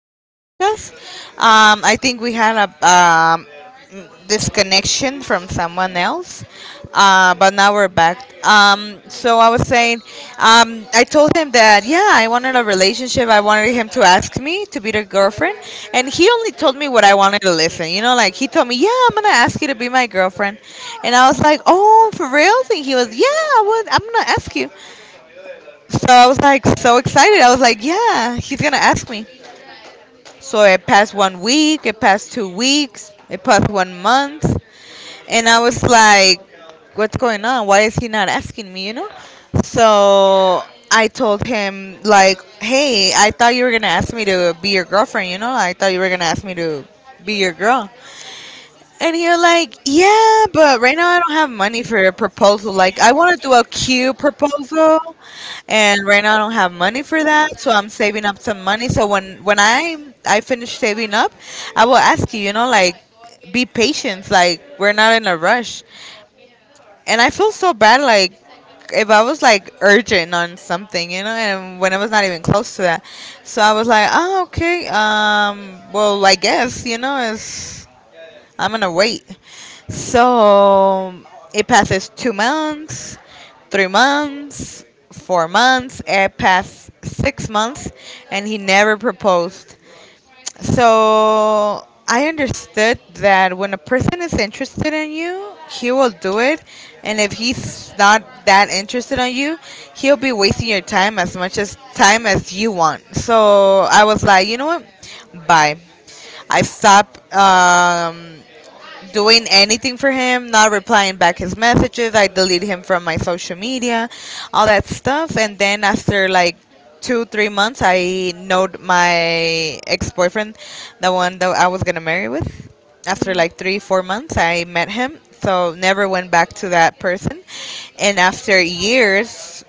this podcast. I think we had a disconnection from someone else, but now we're back. So I was saying, I told him that, yeah, I wanted a relationship. I wanted him to ask me to be their girlfriend, and he only told me what I wanted to listen. You know, like he told me, yeah, I'm going to ask you to be my girlfriend. And I was like, oh, for real? And he was, yeah, I would, I'm going to ask you. So I was like so excited. I was like, yeah, he's gonna ask me. So it passed 1 week, it passed 2 weeks, it passed 1 month, and I was like, what's going on? Why is he not asking me? You know? So I told him like, hey, I thought you were gonna ask me to be your girlfriend. You know? I thought you were gonna ask me to be your girl. And you're like, yeah, but right now I don't have money for a proposal. Like, I want to do a cute proposal, and right now I don't have money for that, so I'm saving up some money. So when I finish saving up, I will ask you. You know, like, be patient. Like, we're not in a rush. And I feel so bad. Like, if I was like urgent on something, you know, and when I was not even close to that, so I was like, oh, okay, well, I guess you know, it's I'm gonna wait. So it passes 2 months, 3 months, 4 months, it passed 6 months, and he never proposed. So I understood that when a person is interested in you, he will do it. And if he's not that interested in you, he'll be wasting your time as much as time as you want. So I was like, you know what? Bye. I stopped doing anything for him, not replying back his messages. I deleted him from my social media, all that stuff. And then after like two, 3 months, I knowed my ex boyfriend, the one that I was gonna marry with. After like three, 4 months, I met him. So never went back to that person. And after years,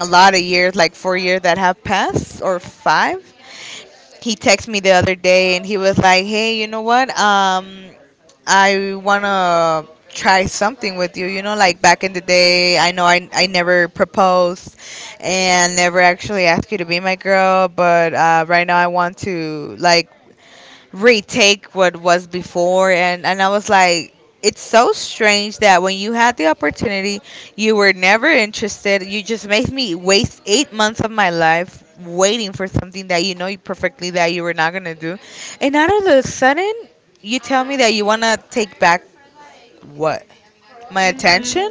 a lot of years, like 4 years that have passed or five, he texted me the other day and he was like, "Hey, you know what? I wanna try something with you. You know, like back in the day, I know I never proposed and never actually asked you to be my girl, but right now I want to like retake what was before." And I was like, it's so strange that when you had the opportunity, you were never interested. You just made me waste 8 months of my life waiting for something that, you know, you perfectly that you were not going to do. And out of the sudden, you tell me that you want to take back what? My attention?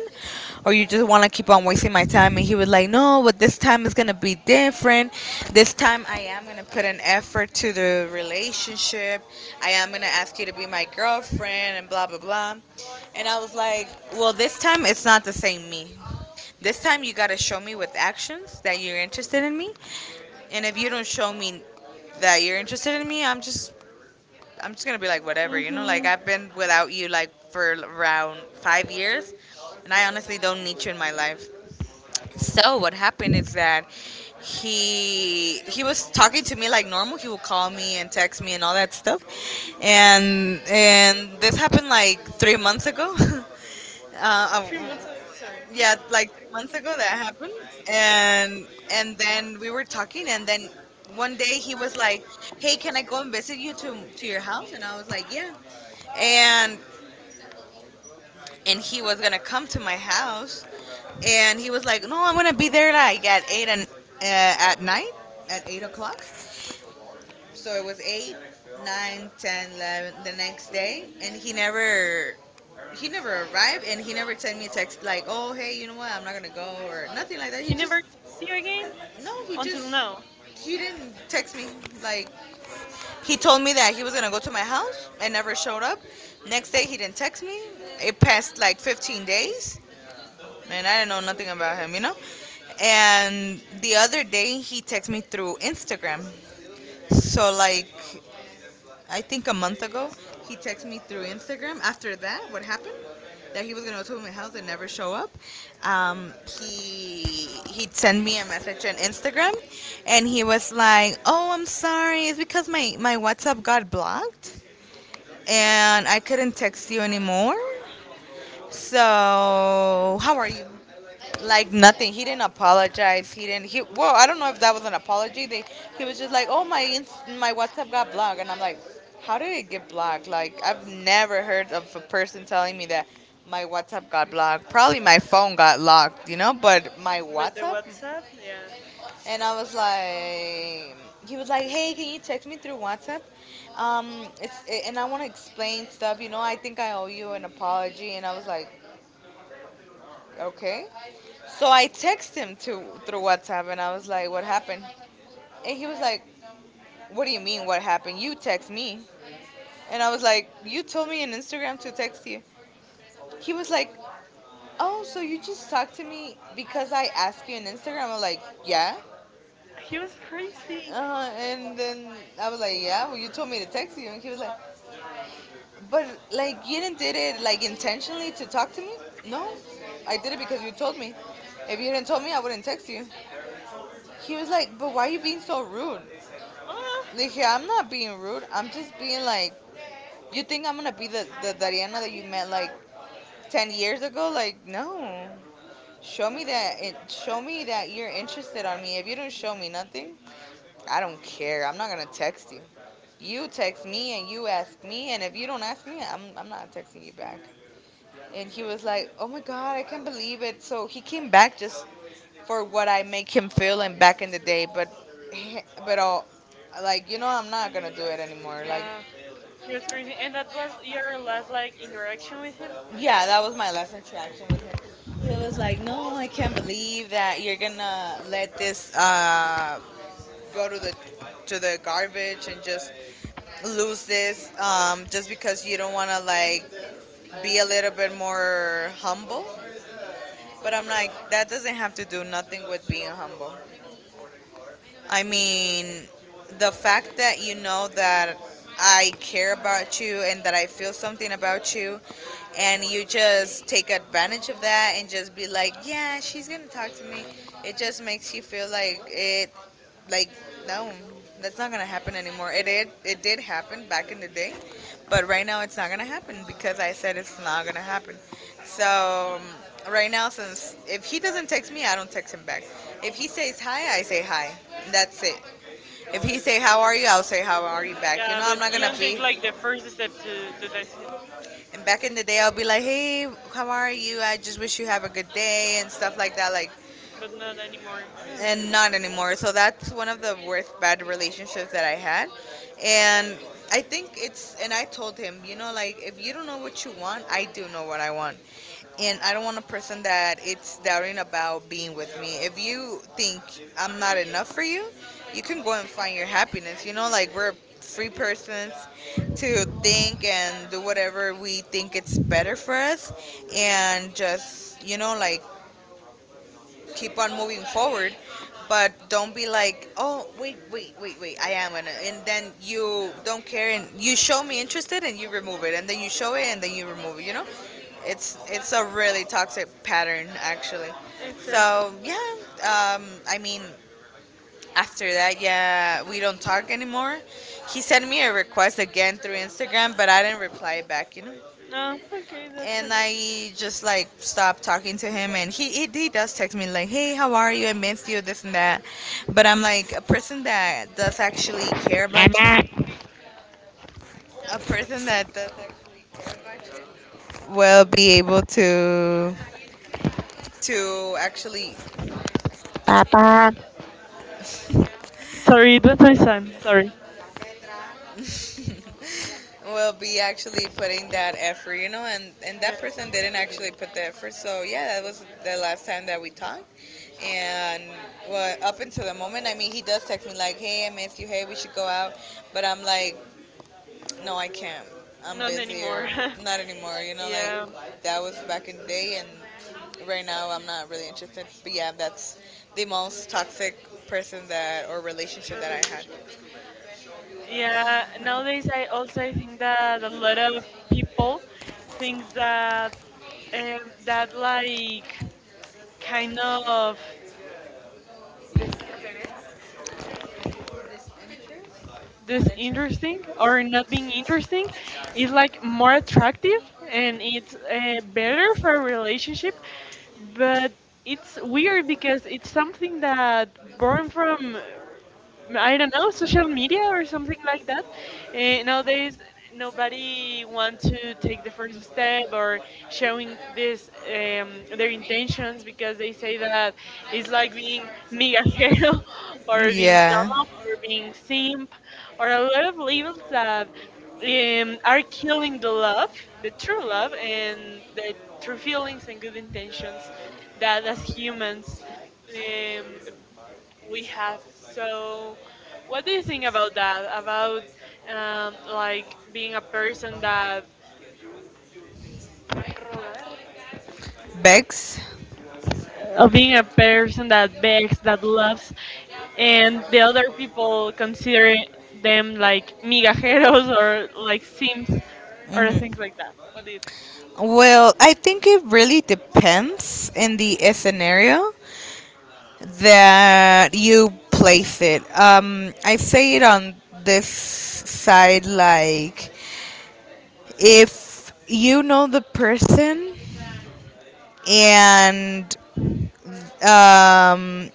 Or you just want to keep on wasting my time? And he was like, no, but this time is going to be different. This time I am going to put an effort to the relationship. I am going to ask you to be my girlfriend and blah blah blah. And I was like, well, this time it's not the same me. This time you got to show me with actions that you're interested in me. And if you don't show me that you're interested in me, I'm just gonna be like whatever, you know. Like I've been without you like for around 5 years, and I honestly don't need you in my life. So what happened is that he was talking to me like normal. He would call me and text me and all that stuff, and this happened like 3 months ago. Uh, uh, yeah, like months ago that happened, and and then we were talking, and then one day he was like, "Hey, can I go and visit you to your house?" And I was like, "Yeah," and he was gonna come to my house, and he was like, "No, I'm gonna be there like at eight and at night at 8 o'clock." So it was eight, nine, ten, 11 the next day, and he never arrived, and he never sent me a text like, "Oh, hey, you know what? I'm not gonna go," or nothing like that. He just no, he didn't text me. Like he told me that he was gonna go to my house and never showed up. Next day he didn't text me. It passed like 15 days, and I didn't know nothing about him, you know. And the other day he texted me through Instagram. So like I think a month ago, he texted me through Instagram. After that, what happened? That he was gonna go to my house and never show up. Um, he he'd send me a message on Instagram, and he was like, "Oh, I'm sorry. It's because my WhatsApp got blocked, and I couldn't text you anymore. So how are you?" Like nothing. He didn't apologize. He didn't. He, well, I don't know if that was an apology. They he was just like, oh my WhatsApp got blocked, and I'm like, how did it get blocked? Like I've never heard of a person telling me that my WhatsApp got blocked. Probably my phone got locked, you know, but my WhatsApp. And I was like, he was like, hey, can you text me through WhatsApp? It's and I want to explain stuff. You know, I think I owe you an apology. And I was like, okay. So I text him to through WhatsApp and I was like, "What happened?" And he was like, "What do you mean what happened? You text me." And I was like, "You told me in Instagram to text you." He was like, "Oh, so you just talked to me because I asked you in Instagram?" I'm like, "Yeah." And then I was like, "Yeah, well you told me to text you." And he was like, "But like you didn't did it like intentionally to talk to me?" No. I did it because you told me. If you didn't tell me, I wouldn't text you. He was like, but why are you being so rude? Like, here, I'm not being rude. I'm just being like, you think I'm gonna be the Dariana that you met like 10 years ago? Like, no. Show me that. It, show me that you're interested on me. If you don't show me nothing, I don't care. I'm not gonna text you. You text me and you ask me, and if you don't ask me, I'm not texting you back. And he was like, oh my god, I can't believe it. So he came back just for what I make him feel and back in the day, but but all like you know I'm not gonna do it anymore. Like yeah, that was my last interaction with him. He was like, "No, I can't believe that you're gonna let this go to the garbage and just lose this, just because you don't want to like be a little bit more humble." But I'm like, that doesn't have to do nothing with being humble. I mean, the fact that you know that I care about you and that I feel something about you, and you just take advantage of that and just be like, yeah, she's gonna talk to me. It just makes you feel like it like, no, that's not gonna happen anymore. It did happen back in the day, but right now it's not gonna happen because I said it's not gonna happen. So right now, since if he doesn't text me I don't text him back. If he says hi I say hi. That's it. If he say how are you I'll say how are you back, you know. I'm not gonna be, and back in the day I'll be like, hey, how are you, I just wish you have a good day and stuff like that. Like, and not anymore. So that's one of the worst bad relationships that I had. And I think it's, and I told him, you know, like if you don't know what you want, I do know what I want. And I don't want a person that it's doubting about being with me. If you think I'm not enough for you, you can go and find your happiness. You know, like we're free persons to think and do whatever we think it's better for us and just keep on moving forward, but don't be like, oh, wait, wait, wait, wait, I am gonna, and then you don't care, and you show me interested, and you remove it, and then you show it, and then you remove it. It's a really toxic pattern actually. So yeah, um, I mean, after that, yeah, we don't talk anymore. He sent me a request again through Instagram, but I didn't reply back. And I just like stopped talking to him, and he does text me like, "Hey, how are you? I miss you, this and that," but I'm like a person that does actually care 妈 about you, 妈，a person that does will be able to actually 爸爸，will be actually putting that effort, you know, and that person didn't actually put the effort, so yeah, that was the last time that we talked. And well, up until the moment, I mean, he does text me like, "Hey, I miss you. Hey, we should go out," but I'm like, no, I can't. I'm busy or not anymore. You know, like that was back in the day, and right now I'm not really interested. But yeah, that's the most toxic person that or relationship that I had. Disinterest? Not interested. Yeah. Bex? Hmm. Well, I think it really depends in the scenario that you place it. I say it on this side like if you know the person and um,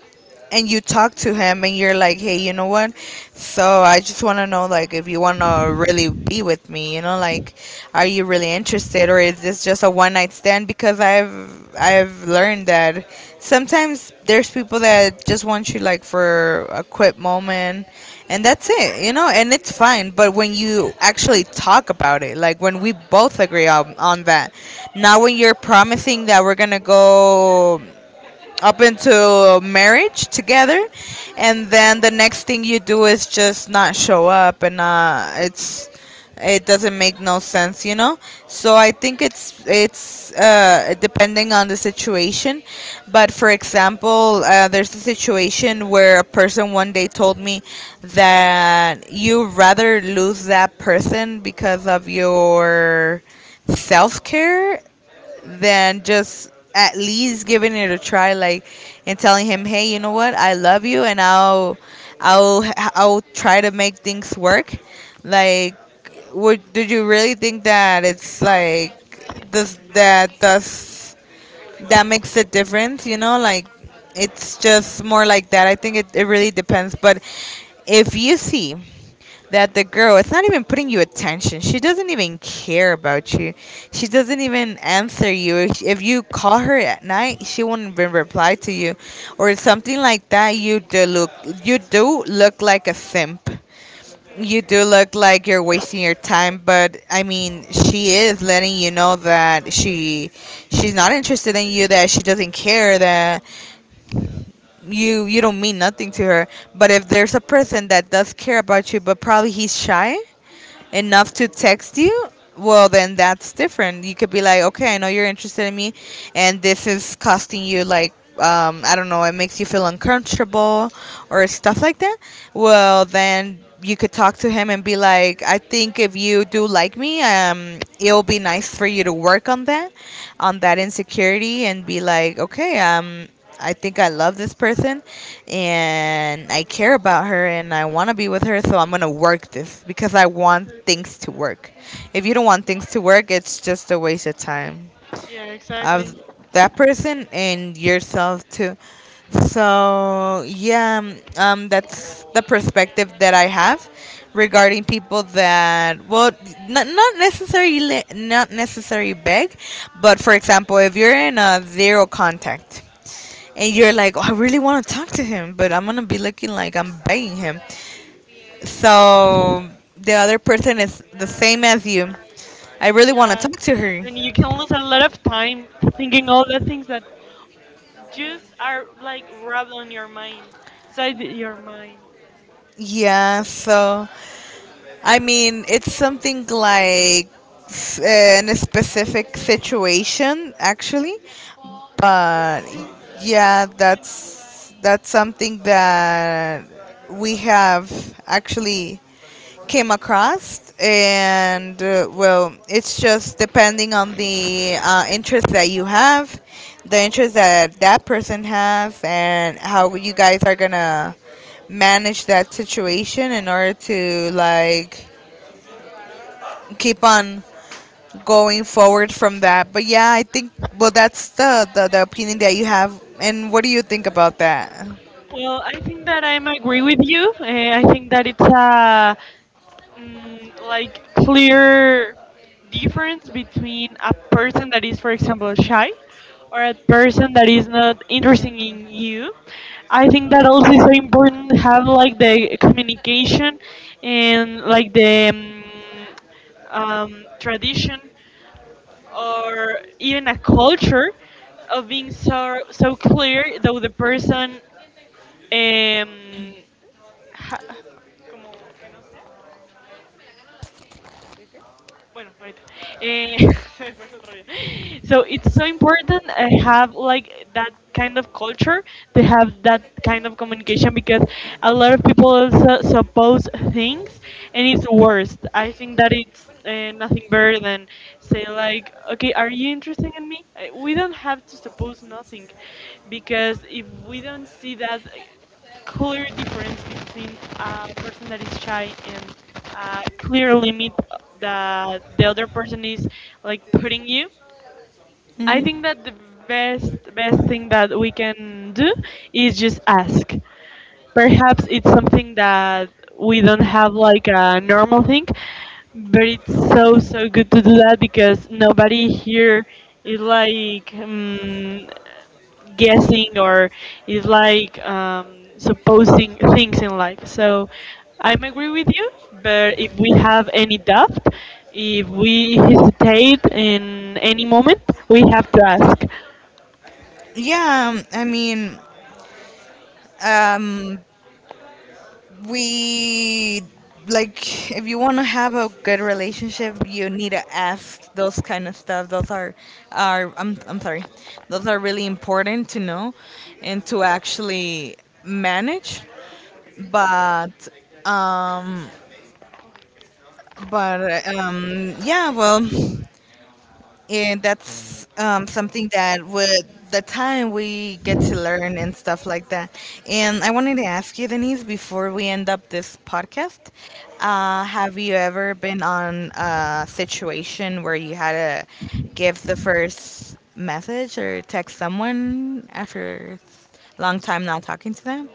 and you talk to him and you're like, hey, you know what? So I just want to know, like, if you want to really be with me, you know, like, are you really interested or is this just a one night stand? Because I've learned that sometimes there's people that just want you like for a quick moment and that's it, you know, and it's fine, but when you actually talk about it, like when we both agree on that, not when you're promising that we're gonna go up into marriage together and then the next thing you do is just not show up, and it's it doesn't make no sense, you know, so I think it's depending on the situation, but for example, there's a situation where a person one day told me that you rather lose that person because of your self-care than just at least giving it a try, like and telling him, hey, you know what, I love you and i'll I'll try to make things work, like would did you really think that it's like this that makes a difference, you know, like it's just more like that. I think it really depends. But if you see that the girl it's not even putting you attention, she doesn't even care about you, she doesn't even answer you, if you call her at night, she won't even reply to you or something like that, you do look, you do look like a simp, you do look like you're wasting your time, but I mean, she is letting you know that she she's not interested in you, that she doesn't care, that you don't mean nothing to her. But if there's a person that does care about you, but probably he's shy, enough to text you, well, then that's different. You could be like, okay, I know you're interested in me, and this is costing you like. I don't know, it makes you feel uncomfortable or stuff like that. Well, then you could talk to him and be like, I think if you do like me, it'll be nice for you to work on that insecurity, and be like, okay, I think I love this person and I care about her and I want to be with her, so I'm going to work this because I want things to work. If you don't want things to work, it's just a waste of time of that person and yourself too. So yeah, that's the perspective that I have regarding people that well, not necessarily beg, but for example, if you're in a zero contact and you're like, oh, I really want to talk to him, but I'm gonna be looking like I'm begging him. So the other person is the same as you. I really want to talk to her. Yeah, so I mean, it's something like in a specific situation, actually. But yeah, that's something that we have actually came across, and well, it's just depending on the interest that you have, the interest that that person has, and how you guys are gonna manage that situation in order to like keep on going forward from that. But yeah, I think well that's the opinion that you have. And what do you think about that? Hmm. Yeah, I mean, um, we like if you want to have a good relationship, you need to ask those kind of stuff. Those are I'm sorry, those are really important to know and to actually manage. But um, yeah, well, and that's something that with the time we get to learn and stuff like that. And I wanted to ask you, Denise, before we end up this podcast, have you ever been on a situation where you had to give the first message or text someone after a long time not talking to them?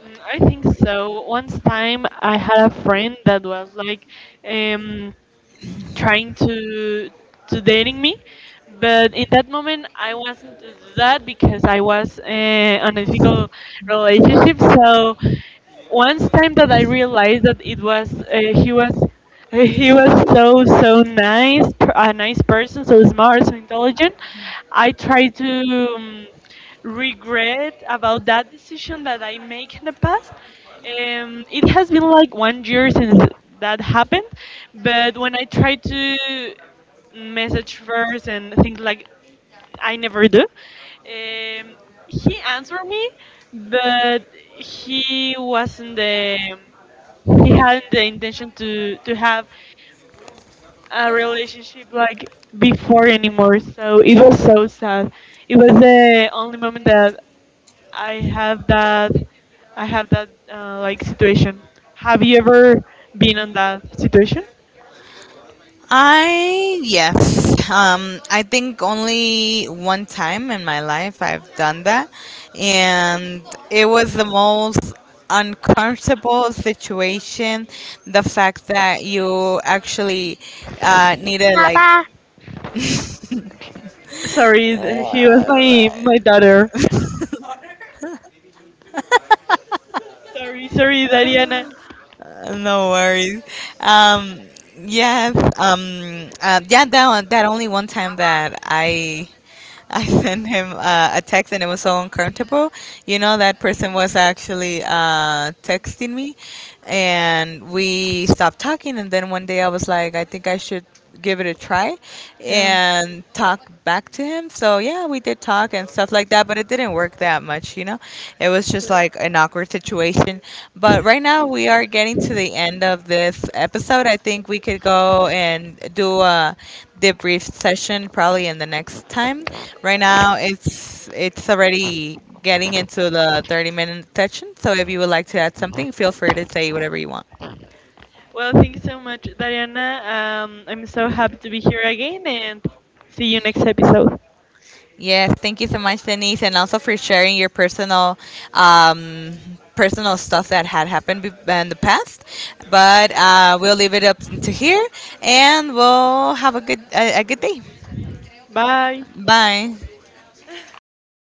I yes. I think only one time in my life I've done that, and it was the most uncomfortable situation. The fact that you actually needed 爸 like 爸。 no worries. Um, yes. Yeah. That one, that only one time that I sent him a text and it was so uncomfortable. You know, that person was actually texting me and we stopped talking. And then one day I was like, I think I should give it a try and talk back to him. So, yeah, we did talk and stuff like that, but it didn't work that much, you know? It was just like an awkward situation. But right now we are getting to the end of this episode. I think we could go and do a debrief session probably in the next time. Right now it's already getting into the 30-minute session. So if you would like to add something, feel free to say whatever you want. Yes, thank you so much, Denise, and also for sharing your personal, um, personal stuff that had happened in the past. But we'll leave it up to here, and we'll have a good a good day. Bye.